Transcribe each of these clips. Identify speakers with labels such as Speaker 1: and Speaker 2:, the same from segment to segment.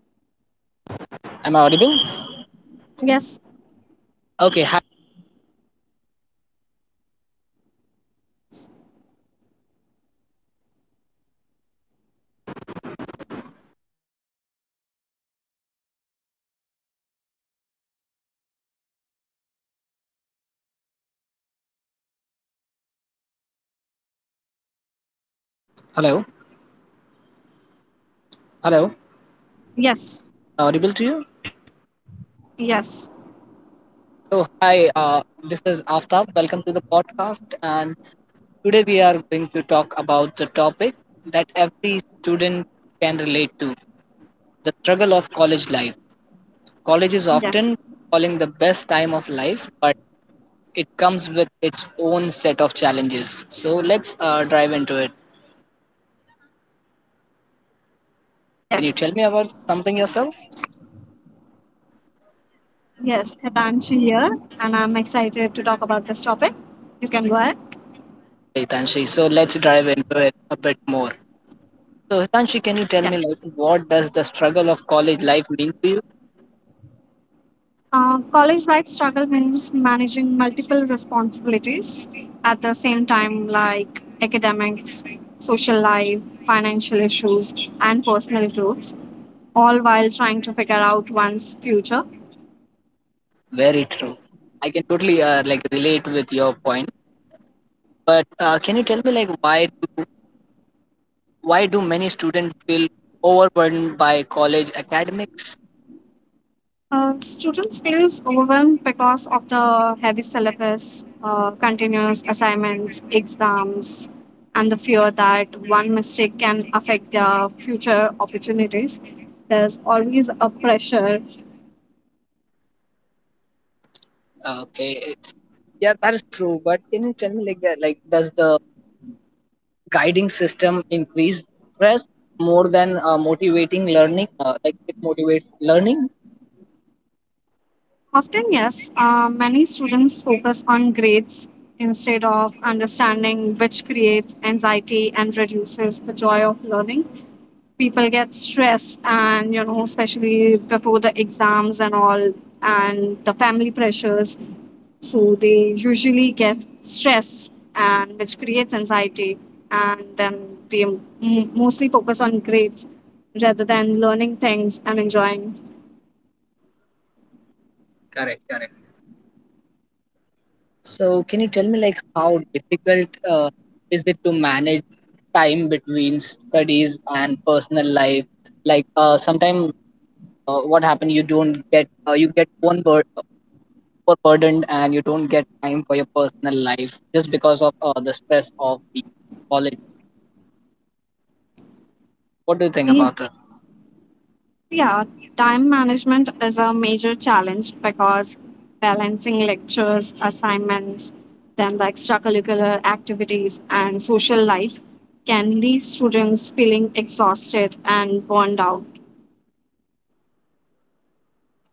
Speaker 1: Hello.
Speaker 2: am I audible?
Speaker 1: Yes.
Speaker 2: Okay, hi. Hello, hello, am I audible to
Speaker 1: Yes.
Speaker 2: you?
Speaker 1: Yes.
Speaker 2: So, hi, this is Aftab. Welcome to the podcast. And today we are going to talk about the topic that every student can relate to, the struggle of college life. College is
Speaker 1: Yes.
Speaker 2: often calling the best time of life, but it comes with its own set of challenges. So, let's dive into it.
Speaker 1: Yes.
Speaker 2: Can you tell me about something yourself?
Speaker 1: Yes. Hitanshi here, and I'm excited to talk about this topic. You can go ahead.
Speaker 2: Hey, Tanshi. So, let's dive into it a bit more. So, Hitanshi,
Speaker 1: Yeah.
Speaker 2: can you tell me, like, what does the struggle of college life mean to you?
Speaker 1: College life struggle means managing multiple responsibilities at the same time, like academics, social life, financial issues, and personal growth, all while trying to figure out one's future.
Speaker 2: Very true. I can totally like relate with your point. But can you tell me, like, do why do many students feel overburdened by college academics?
Speaker 1: Students feels overwhelmed because of the heavy syllabus, continuous assignments, exams, and the fear that one mistake can affect their future opportunities. There's always a pressure.
Speaker 2: Okay, yeah, that is true. But can you tell me, like, that, like, does the guiding system increase stress more than motivating learning? Like, it motivates learning.
Speaker 1: Often, yes, many students focus on grades instead of understanding, which creates anxiety and reduces the joy of learning. People get stressed, and you know, especially before the exams and all, and the family pressures, so they usually get stressed, and which creates anxiety, and then they m- mostly focus on grades rather than learning things and enjoying.
Speaker 2: Correct. Correct. So, can you tell me, like, how difficult is it to manage time between studies and personal life? Like sometimes what happened, you don't get you get overburdened and you don't get time for your personal life just because of the stress of the college. What do you think
Speaker 1: Yeah.
Speaker 2: about it?
Speaker 1: Yeah, time management is a major challenge because balancing lectures, assignments, then the extracurricular activities, and social life can leave students feeling exhausted and burned out.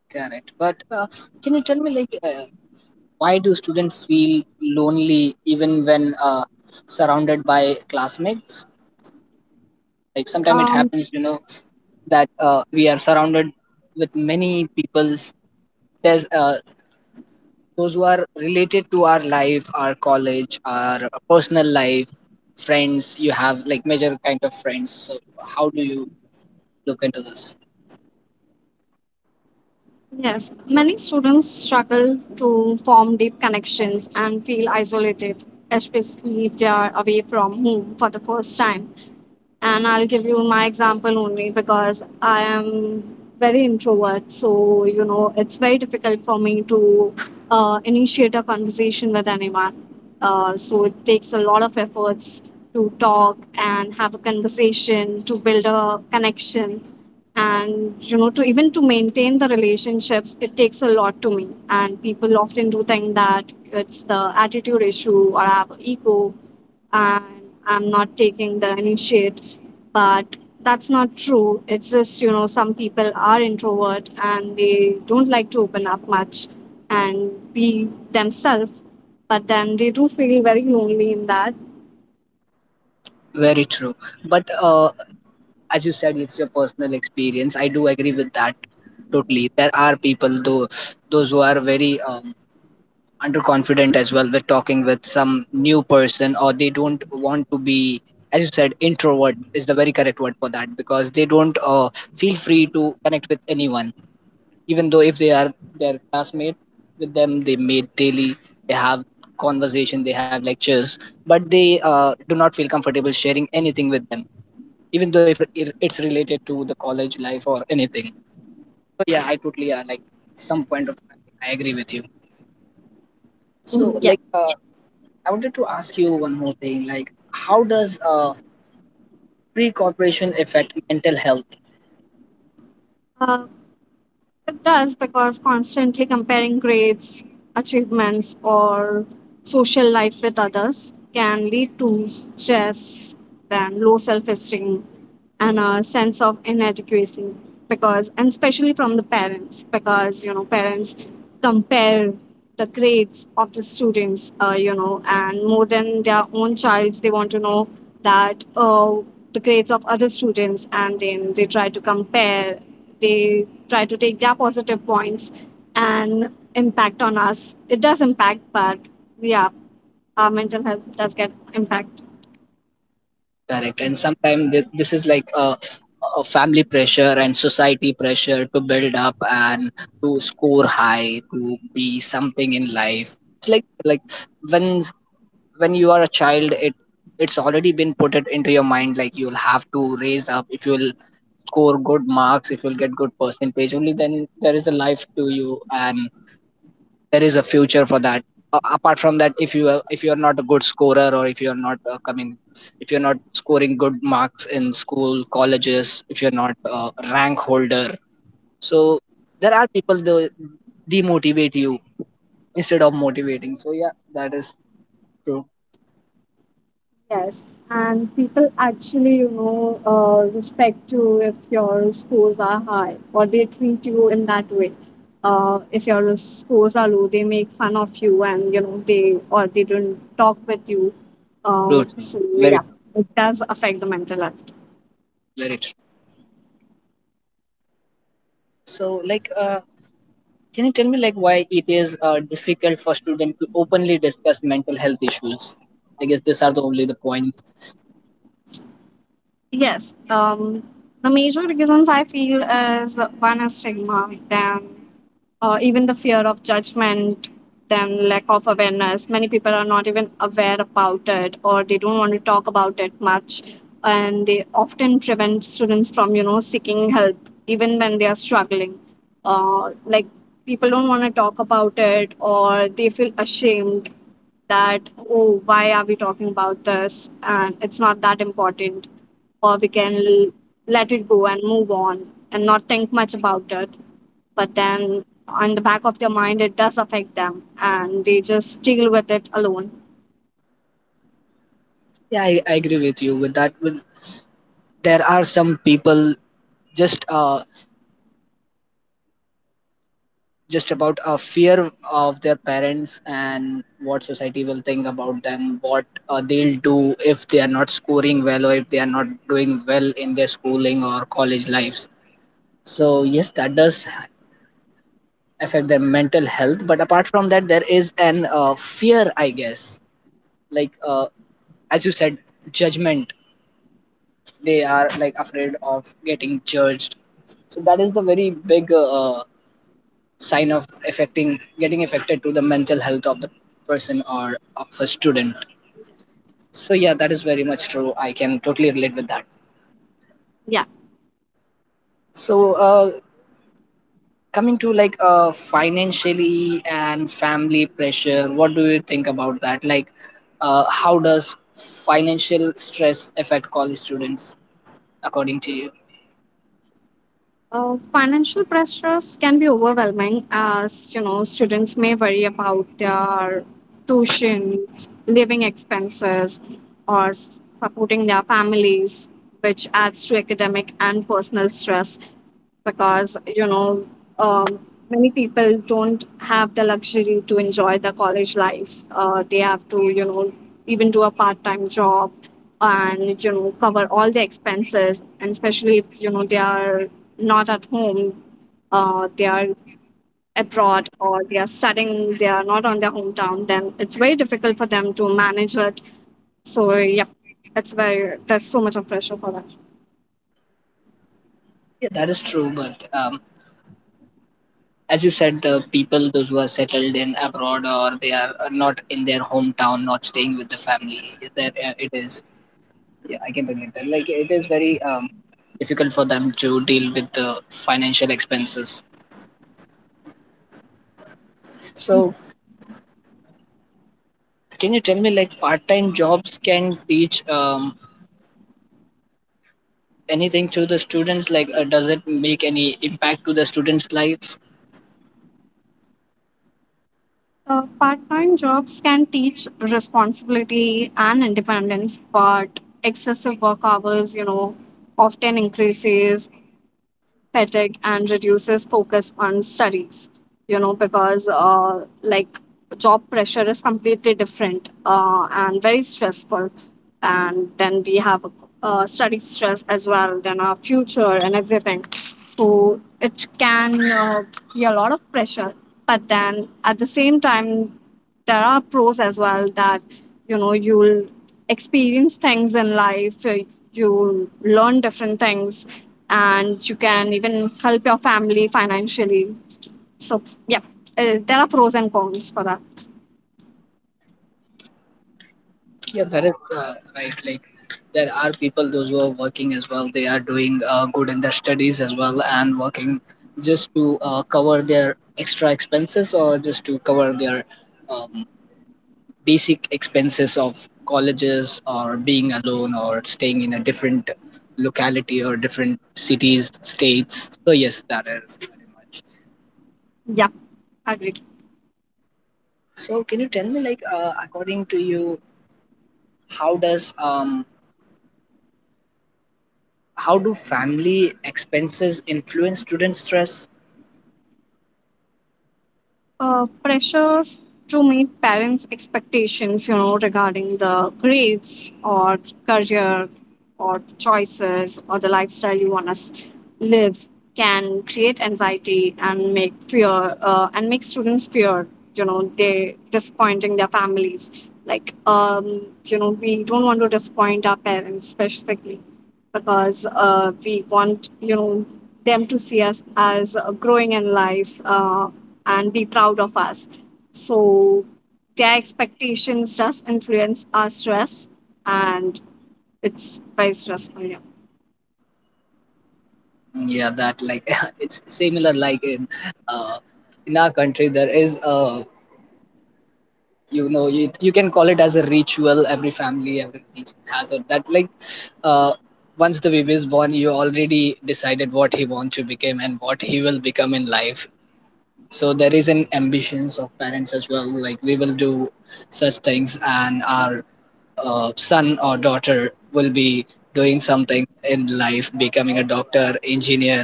Speaker 2: Correct. But can you tell me, like, why do students feel lonely even when surrounded by classmates? Like sometimes it
Speaker 1: Um,
Speaker 2: happens, you know, that we are surrounded with many people's. There's those who are related to our life, our college, our personal life, friends you have, like, major kind of friends. So how do you look into this?
Speaker 1: yes, many students struggle to form deep connections and feel isolated, especially if they are away from home for the first time. And I'll give you my example only because I am very introvert. So, you know, it's very difficult for me to initiate a conversation with anyone. So, it takes a lot of efforts to talk and have a conversation, to build a connection. And, you know, to even to maintain the relationships, it takes a lot to me. And people often do think that it's the attitude issue, or I have ego and I'm not taking the initiate. But that's not true. It's just, you know, some people are introvert and they don't like to open up much and be themselves, but then they do feel very lonely in that.
Speaker 2: Very true. But as you said, it's your personal experience, I do agree with that totally. There are people though, those who are very underconfident as well with talking with some new person, or they don't want to be. As you said, introvert is the very correct word for that, because they don't feel free to connect with anyone, even though if they are their classmate. With them they meet daily, they have conversation, they have lectures, but they do not feel comfortable sharing anything with them, even though if it's related to the college life or anything. So yeah, I totally like some point of, I agree with you. So
Speaker 1: Mm, yeah.
Speaker 2: like, I wanted to ask you one more thing. Like, how does pre-corporation affect mental health?
Speaker 1: Uh, It does, because constantly comparing grades, achievements, or social life with others can lead to stress, then low self esteem, and a sense of inadequacy. Because, and especially from the parents, because, you know, parents compare the grades of the students, you know, and more than their own child's, they want to know that the grades of other students, and then they try to compare, they try to take their positive points and impact on us. It does impact, but yeah, our mental health does get impact.
Speaker 2: Correct. And sometimes this is like family pressure and society pressure to build up and to score high, to be something in life. It's like when when you are a child, it's already been put it into your mind, like you'll have to raise up if you'll score good marks, if you'll get good percentage, only then there is a life to you and there is a future for that. Apart from that, if if you are not a good scorer or if you are not coming, if you're not scoring good marks in school, colleges, if you're not rank holder, so there are people though demotivate you instead of motivating. So yeah, that is true,
Speaker 1: Yes, and people actually, you know, respect you if your scores are high, or they treat you in that way. If your scores are low, they make fun of you, and you know, they or they don't talk with you.
Speaker 2: true, true.
Speaker 1: So
Speaker 2: Very
Speaker 1: yeah,
Speaker 2: true,
Speaker 1: it does affect the mental health.
Speaker 2: very true. So like, can you tell me, like, why it is difficult for students to openly discuss mental health issues? I guess these are the only the points.
Speaker 1: Yes, the major reasons I feel is, one is stigma, then even the fear of judgment, then lack of awareness. Many people are not even aware about it, or they don't want to talk about it much, and they often prevent students from, you know, seeking help even when they are struggling. Like, people don't want to talk about it, or they feel ashamed that, oh, why are we talking about this, and it's not that important, or let it go and move on and not think much about it. But then, on the back of their mind, it does affect them, and they just deal with it alone.
Speaker 2: Yeah, I agree with you with that. With, there are some people just about a fear of their parents and what society will think about them, what they'll do if they are not scoring well or if they are not doing well in their schooling or college lives. So yes, that does affect their mental health, but apart from that there is an fear I guess. Like as you said, judgment, they are like afraid of getting judged. So that is the very big sign of affecting getting affected to the mental health of the person or of a student. So yeah, that is very much true, I can totally relate with that. So coming to, like, financially and family pressure, what do you think about that? Like, how does financial stress affect college students according to you?
Speaker 1: Financial pressures can be overwhelming, as you know, students may worry about their tuitions, living expenses, or supporting their families, which adds to academic and personal stress, because you know, um, many people don't have the luxury to enjoy the college life. They have to, you know, even do a part-time job, and you know, cover all the expenses, and especially if you know, they are not at home. They are abroad, or they are studying, they are not on their hometown. Then it's very difficult for them to manage it. So yep, it's very, there's so much of pressure for them.
Speaker 2: Yeah, that is true, but as you said, the people, those who are settled in abroad or they are not in their hometown, not staying with the family, that it is. Yeah, I can relate that. Like it is very difficult for them to deal with the financial expenses. So, can you tell me, like, part-time jobs can teach anything to the students? Like, does it make any impact to the students' life?
Speaker 1: Part-time jobs can teach responsibility and independence, but excessive work hours, you know, often increases fatigue and reduces focus on studies. You know, because like, job pressure is completely different, and very stressful, and then we have study stress as well, then our future and everything. So it can, be a lot of pressure. But then at the same time, there are pros as well, that you know, you'll experience things in life, you'll learn different things, and you can even help your family financially. So, yeah, there are pros and cons for that.
Speaker 2: Yeah, that is right. Like there are people those who are working as well. They are doing good in their studies as well and working just to cover their extra expenses or just to cover their um, basic expenses of colleges or being alone or staying in a different locality or different cities, states. So yes, that is very much.
Speaker 1: Yeah, agree.
Speaker 2: So can you tell me, like, according to you, how does um, how do family expenses influence student stress?
Speaker 1: Pressures to meet parents' expectations, you know, regarding the grades, or career, or the choices, or the lifestyle you want to live can create anxiety and make fear, and make students fear, you know, they disappointing their families. Like, you know, we don't want to disappoint our parents specifically, because we want, you know, them to see us as growing in life, and be proud of us. So their expectations does influence our stress, and it's very stressful. Yeah,
Speaker 2: Yeah, that, like it's similar like in uh, in our country there is a, you can call it as a ritual. Every family, every region has it. That, like, uh, once the baby is born, you already decided what he wants to become and what he will become in life. So there is an ambitions of parents as well. Like we will do such things, and our son or daughter will be doing something in life, becoming a doctor, engineer.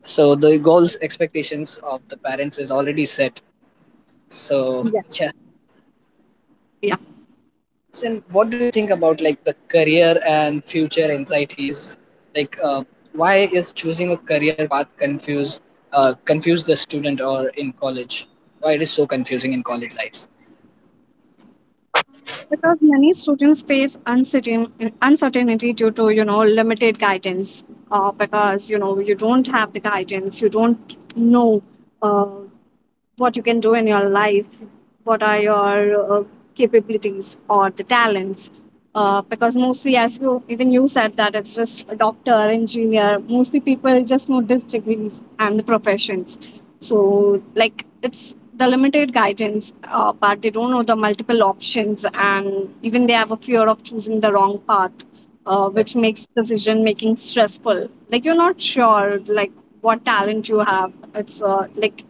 Speaker 2: So the goals, expectations of the parents is already set. So
Speaker 1: yeah,
Speaker 2: yeah.
Speaker 1: yeah.
Speaker 2: And what do you think about, like, the career and future anxieties? Like, why is choosing a career path confuse the student or in college, why it is so confusing in college lives?
Speaker 1: Because many students face uncertainty due to, you know, limited guidance. Because you know, you don't have the guidance, you don't know uh, what you can do in your life, what are your capabilities or the talents. Because mostly, as you even you said, that it's just a doctor, engineer. Mostly people just notice degrees and the professions. So, like, it's the limited guidance, but they don't know the multiple options, and even they have a fear of choosing the wrong path, which makes decision making stressful. Like, you're not sure, like, what talent you have. It's, like,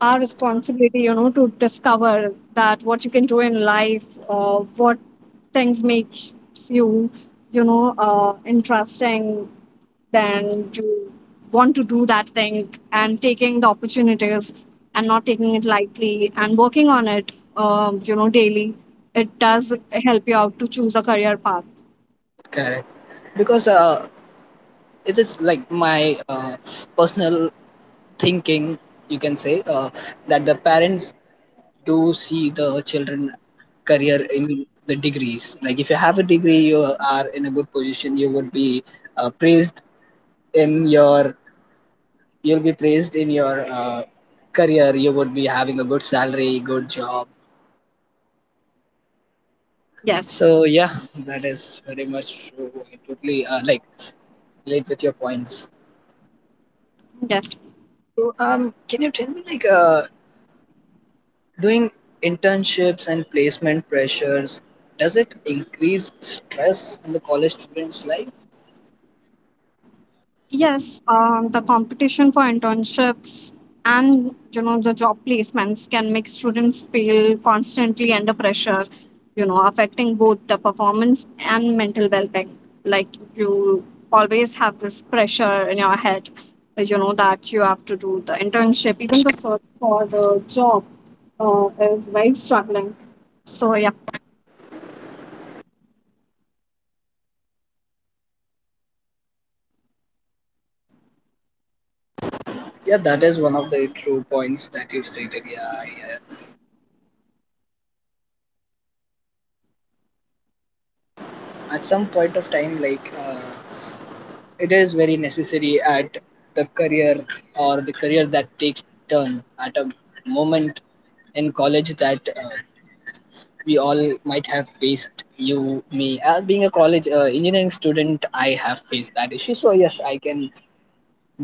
Speaker 1: our responsibility, you know, to discover that what you can do in life, what things makes you, you know, interesting, then you want to do that thing, and taking the opportunities, and not taking it lightly, and working on it, you know, daily. It does help you out to choose a career path.
Speaker 2: Correct. Because it is like my personal thinking, you can say, that the parents do see the children career in the degrees. Like if you have a degree you are in a good position, you would be praised in your you'll be praised in your career, you would be having a good salary, good job.
Speaker 1: Yes.
Speaker 2: So yeah, that is very much true, I totally like relate with your points.
Speaker 1: Yes.
Speaker 2: So, can you tell me, like, doing internships and placement pressures, does it increase stress in the college student's life?
Speaker 1: Yes, the competition for internships and you know, the job placements can make students feel constantly under pressure, you know, affecting both the performance and mental well-being. Like, you always have this pressure in your head, you know, that you have to do the internship. Even the search for the job is very struggling. So yeah.
Speaker 2: Yeah, that is one of the true points that you stated. Yeah, yeah. At some point of time, like, it is very necessary at the career or the career that takes turn at a moment in college that we all might have faced. You, me, being a college engineering student, I have faced that issue. So yes, I can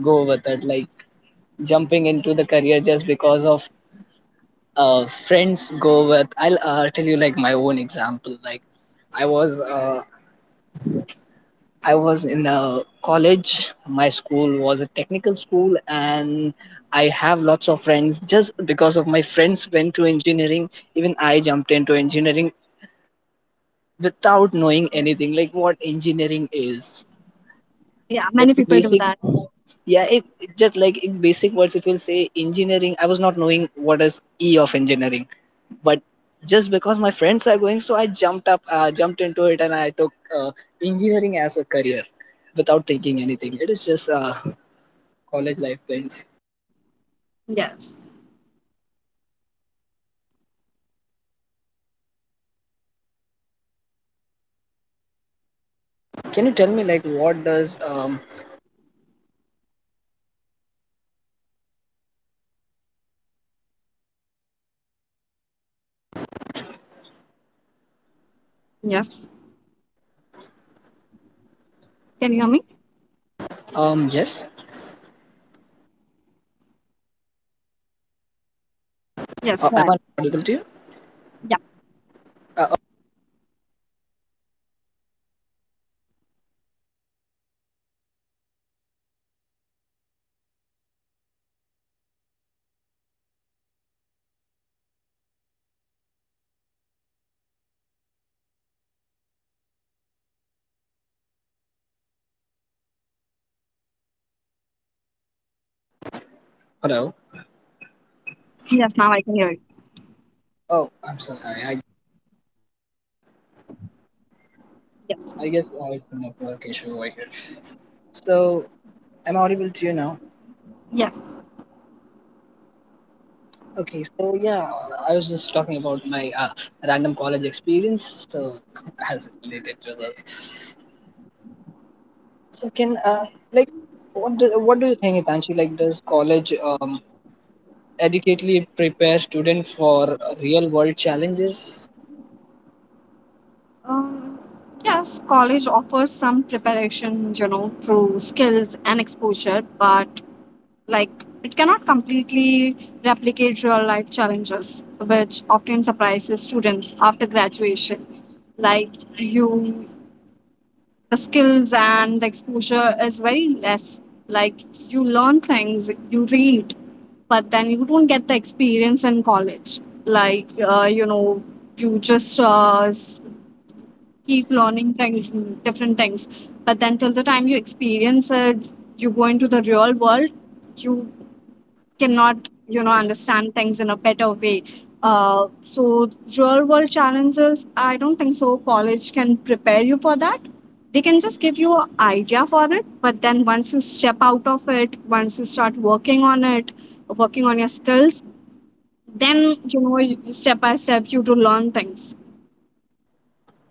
Speaker 2: go with it. Like jumping into the career just because of friends go with. I'll tell you, like, my own example. Like i was uh, I was in a college, my school was a technical school, and I have lots of friends. Just because of my friends went to engineering, even I jumped into engineering without knowing
Speaker 1: Yeah,
Speaker 2: anything, like what engineering is,
Speaker 1: yeah, many
Speaker 2: like
Speaker 1: people
Speaker 2: the
Speaker 1: do that.
Speaker 2: basic. Yeah, it just, like, in basic words it will say engineering, I was not knowing what is e of engineering. But just because my friends are going, so I jumped into it, and I took uh, engineering as a career without thinking anything. It is just college life things.
Speaker 1: Yes,
Speaker 2: Can you tell me like what does
Speaker 1: yes. Can you hear me?
Speaker 2: yes.
Speaker 1: Yes, go ahead.
Speaker 2: Am I audible to you?
Speaker 1: Yeah.
Speaker 2: uh, uh, Hello.
Speaker 1: Yes, now I can hear you.
Speaker 2: Oh, I'm so sorry,
Speaker 1: Yes,
Speaker 2: I guess I have a network issue over here, so am I audible to you now?
Speaker 1: yes.
Speaker 2: Okay, so yeah, I was just talking about my random college experience, so as related to this. So can like, what do you think, Itanshi? Like, does college adequately prepare student for real world challenges?
Speaker 1: Um, yes, college offers some preparation, you know, through skills and exposure, but like, it cannot completely replicate real life challenges, which often surprises students after graduation. Like you the skills and the exposure is very less. Like, you learn things, you read, but then you don't get the experience in college. Like, you know, you just keep learning things, different things. But then till the time you experience it, you go into the real world, you cannot, you know, understand things in a better way. uh, so, real world challenges, I don't think so college can prepare you for that. They can just give you an idea for it, but then once you step out of it, once you start working on it, working on your skills, then you know, step by step, you do learn things.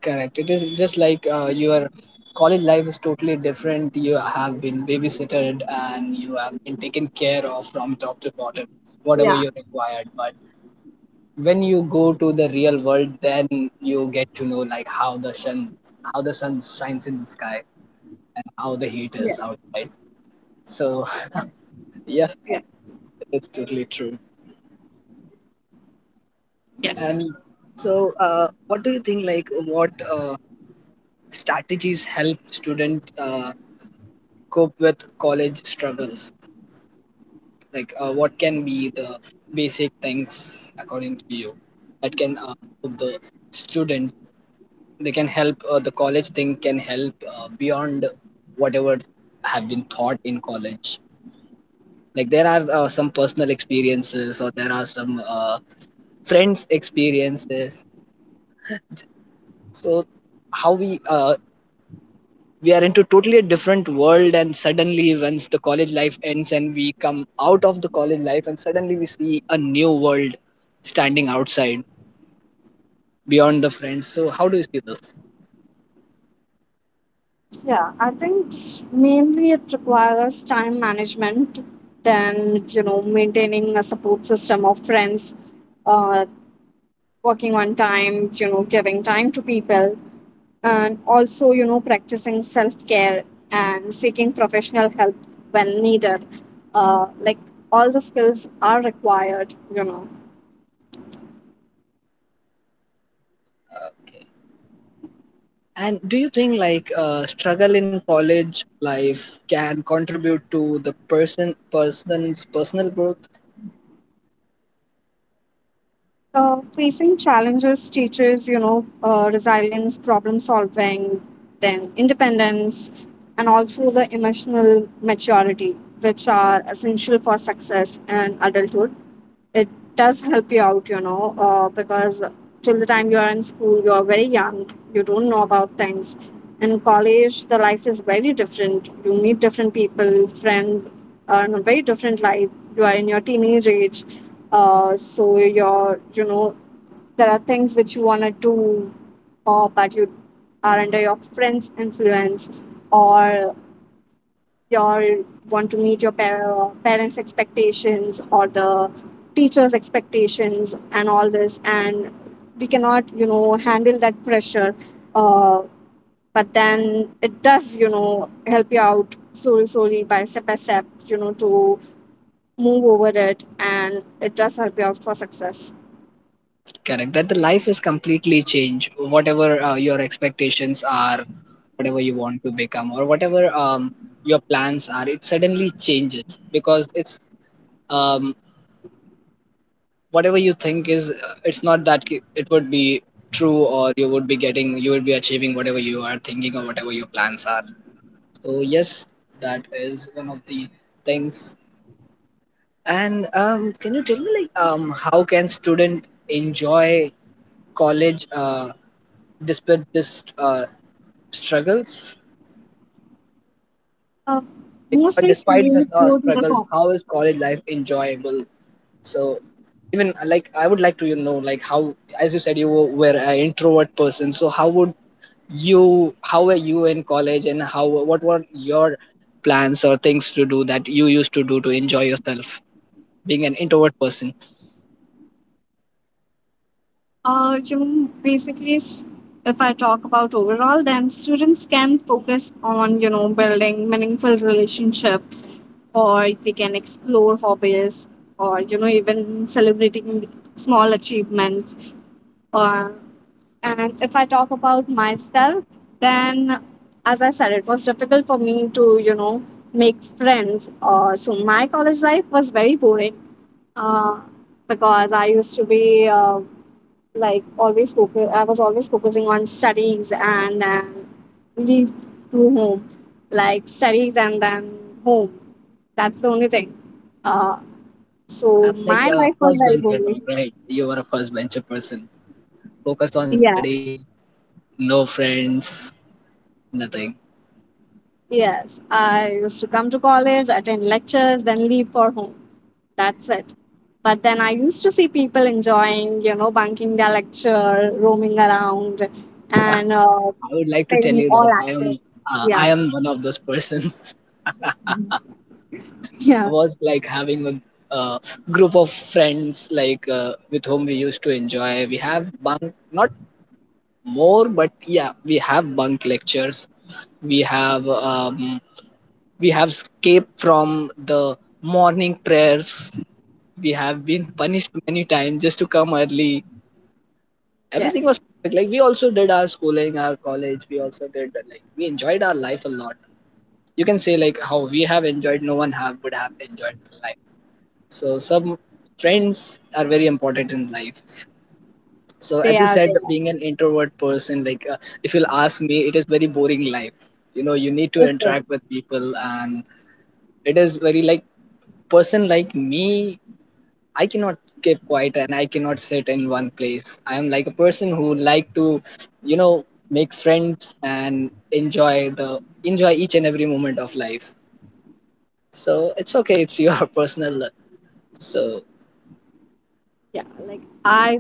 Speaker 2: Correct. It is just like your college life is totally different. You have been babysitted and you have been taken care of from top to bottom, whatever
Speaker 1: Yeah.
Speaker 2: you required. But when you go to the real world, then you get to know like how the sun shines in the sky and how the heat
Speaker 1: Yes.
Speaker 2: is outside. So yeah,
Speaker 1: Yes.
Speaker 2: it's totally true. And so what do you think, like what strategies help student cope with college struggles? Like what can be the basic things according to you that can help the students? They can help the college thing can help beyond whatever have been taught in college. Like there are some personal experiences or there are some friends experiences. So how we are into totally a different world, and suddenly once the college life ends and we come out of the college life, and suddenly we see a new world standing outside beyond the friends. So how do you see this?
Speaker 1: Yeah, I think mainly it requires time management, then, you know, maintaining a support system of friends, uh, working on time, you know, giving time to people, and also, you know, practicing self care and seeking professional help when needed. Like, all the skills are required, you know.
Speaker 2: Uh, And do you think like struggle in college life can contribute to the person's personal growth?
Speaker 1: Facing challenges teaches, you know, resilience, problem solving, then independence, and also the emotional maturity, which are essential for success in adulthood. It does help you out, you know, because till the time you are in school, you are very young, you don't know about things. In college, the life is very different. You meet different people, friends, in a very different life. You are in your teenage age, so your, you know, there are things which you want to do, or but you are under your friends' influence, or you want to meet your parents' expectations, or the teachers' expectations, and all this, and we cannot, you know, handle that pressure. Uh, but then it does, you know, help you out slowly, slowly, by step, you know, to move over it, and it does help you out for success.
Speaker 2: Correct. That the life is completely changed. Whatever your expectations are, whatever you want to become, or whatever your plans are, it suddenly changes because it's um, whatever you think is it's not that it would be true, or you would be getting, you would be achieving whatever you are thinking or whatever your plans are. So yes, that is one of the things. And can you tell me, like, how can student enjoy college despite this struggles?
Speaker 1: Uh,
Speaker 2: Like, but
Speaker 1: Mostly
Speaker 2: despite the
Speaker 1: students go to the
Speaker 2: struggles, how is college life enjoyable? So, even like, I would like to, you know, like, how, as you said, you were an introvert person. So, how would you, how were you in college, and how, what were your plans or things to do that you used to do to enjoy yourself, being an introvert person?
Speaker 1: You know, basically, if I talk about overall, then students can focus on, you know, building meaningful relationships, or they can explore hobbies, or, you know, even celebrating small achievements. Uh, and if I talk about myself, then as I said, it was difficult for me to, you know, make friends. So my college life was very boring, uh, because I used to be, like, always focus I was always focusing on studies, and then leave to home. Like, studies and then home, that's the only thing. uh,
Speaker 2: I'm
Speaker 1: so
Speaker 2: like
Speaker 1: my
Speaker 2: a
Speaker 1: life was
Speaker 2: first
Speaker 1: very
Speaker 2: bencher
Speaker 1: boring.
Speaker 2: type, right? You are a first bencher person. Focus on
Speaker 1: Yeah.
Speaker 2: study, no friends, nothing.
Speaker 1: Yes, I used to come to college, attend lectures, then leave for home. That's it. But then I used to see people enjoying, you know, bunking their lecture, roaming around, and
Speaker 2: I would like to tell
Speaker 1: being
Speaker 2: you
Speaker 1: all
Speaker 2: that
Speaker 1: active. Yeah.
Speaker 2: I am one of those persons. I
Speaker 1: Yeah.
Speaker 2: was like having a uh, group of friends like with whom we used to enjoy. We have bunk, not more, but yeah, we have bunk lectures. We have um, we have escaped from the morning prayers. We have been punished many times just to come early.
Speaker 1: Yes,
Speaker 2: Everything was perfect. Like we also did our schooling, our college. We also did, like we enjoyed our life a lot. You can say like how we have enjoyed. No one have would have enjoyed life. So some friends are very important in life. So
Speaker 1: they
Speaker 2: as you
Speaker 1: are
Speaker 2: said,
Speaker 1: there
Speaker 2: being an introvert person, like if you'll ask me, it is very boring life. You know, you need to
Speaker 1: as well.
Speaker 2: interact with people, and it is very like person like me, I cannot keep quiet and I cannot sit in one place. I am like a person who like to, you know, make friends and enjoy the enjoy each and every moment of life. So it's okay. It's your personal. So
Speaker 1: Yeah, like, I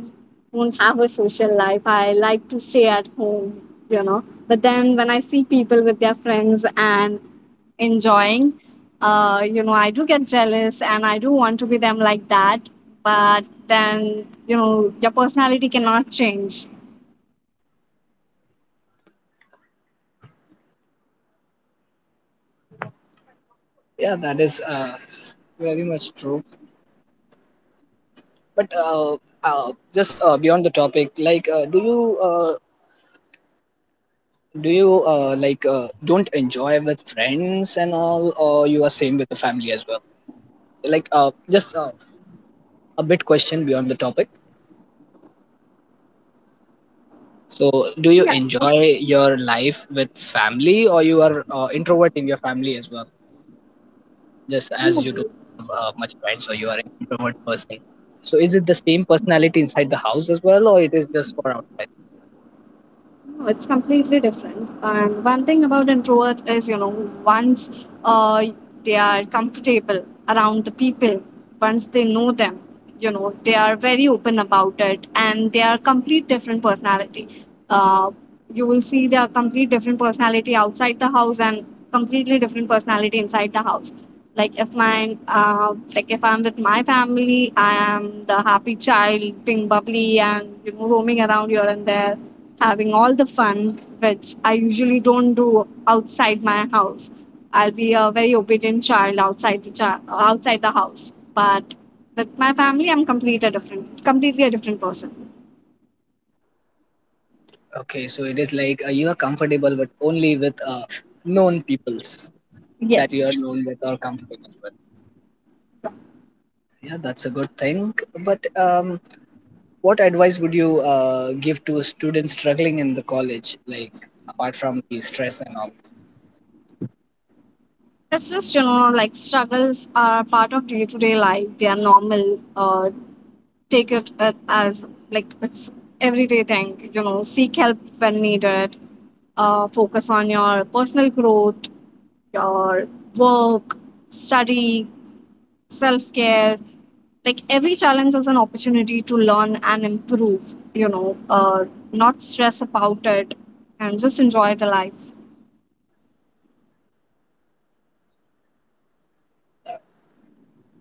Speaker 1: won't have a social life. I like to stay at home, you know. But then when I see people with their friends and enjoying, you know, I do get jealous, and I do want to be them like that. But then, you know, your personality cannot change.
Speaker 2: yeah, that is very much true. But just beyond the topic, like, do you like don't enjoy with friends and all, or you are same with the family as well? Like, just a bit question beyond the topic. So, do you enjoy your life with family, or you are introvert in your family as well, just
Speaker 1: Mm.
Speaker 2: as you do much friends, so you are an introvert person? So, is it the same personality inside the house as well, or it is just for outside?
Speaker 1: No, it's completely different. And one thing about introvert is, you know, once uh, they are comfortable around the people, once they know them, you know, they are very open about it, and they are complete different personality. Uh, you will see they are complete different personality outside the house, and completely different personality inside the house. Like, if my like if I'm with my family, I am the happy child, being bubbly and you know, roaming around here and there, having all the fun, which I usually don't do outside my house. I'll be a very obedient child, outside the house, but with my family, I'm completely a different person.
Speaker 2: Okay, so it is like you are comfortable, but only with known peoples that you are
Speaker 1: Yes.
Speaker 2: known with or comfortable with. Yeah, that's a good thing. But what advice would you give to students struggling in the college, like apart from the stress and all?
Speaker 1: That's just, you know, like, struggles are part of day to day life. They are normal. Take it, as, like, it's everyday thing, you know, seek help when needed, focus on your personal growth, your work, study, self care. Like, every challenge is an opportunity to learn and improve, you know, not stress about it, and just enjoy the life.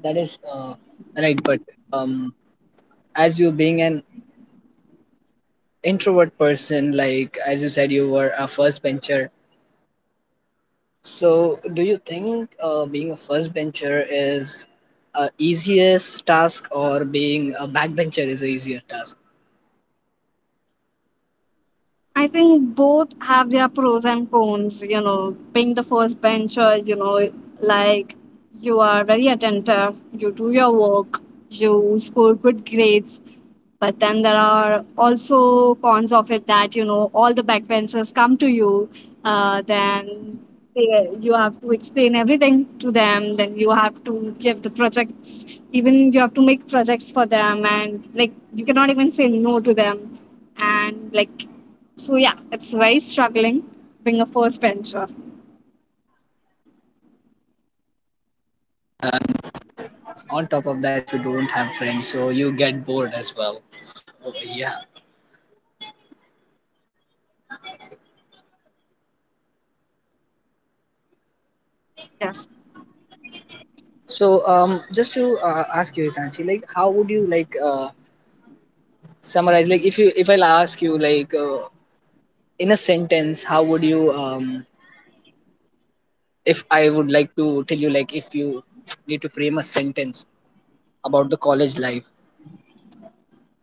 Speaker 2: That is right, but um, as you being an introvert person, like as you said, you were a first bencher. So, do you think being a first bencher is a easiest task, or being a backbencher is a easier task?
Speaker 1: I think both have their pros and cons, you know, being the first bencher, you know, like, you are very attentive, you do your work, you score good grades. But then there are also cons of it, that you know, all the backbenchers come to you, then they, you have to explain everything to them, then you have to give the projects, even you have to make projects for them, and like, you cannot even say no to them. And like, so yeah, it's very struggling being a first bencher.
Speaker 2: On top of that, if you don't have friends, so you get bored as well. Uh, yeah.
Speaker 1: Yes.
Speaker 2: So um, just to ask you Itanshi, like how would you like summarize, like if you, if I'll ask you like in a sentence, how would you um, if I would like to tell you, like if you need to frame a sentence about the college life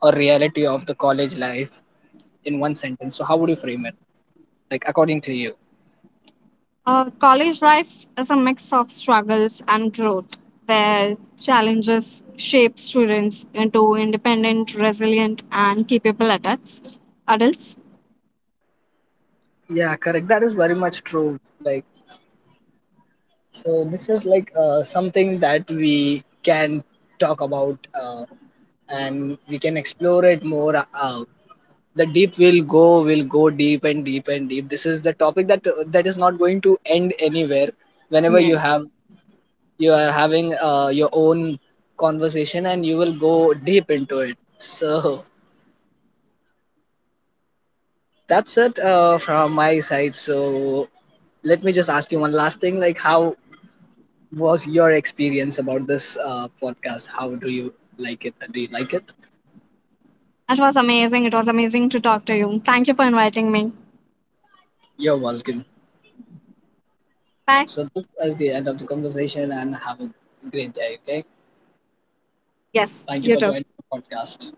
Speaker 2: or reality of the college life in one sentence, so how would you frame it, like according to you?
Speaker 1: College life is a mix of struggles and growth, where challenges shape students into independent, resilient, and capable adults. Adults.
Speaker 2: Yeah, correct, that is very much true. Like, so this is like something that we can talk about and we can explore it more. The will go deep and deep and deep. This is the topic that that is not going to end anywhere. Whenever you
Speaker 1: Yeah.
Speaker 2: have, you are having your own conversation and you will go deep into it. So that's it from my side. So let me just ask you one last thing. Like how was your experience about this podcast? How do you like it? Do you like it?
Speaker 1: That was amazing. It was amazing to talk to you. Thank you for inviting me.
Speaker 2: You're welcome.
Speaker 1: Bye.
Speaker 2: So this is the end of the conversation and have a great day. Okay.
Speaker 1: Yes,
Speaker 2: Thank you
Speaker 1: you
Speaker 2: for
Speaker 1: too.
Speaker 2: joining the podcast.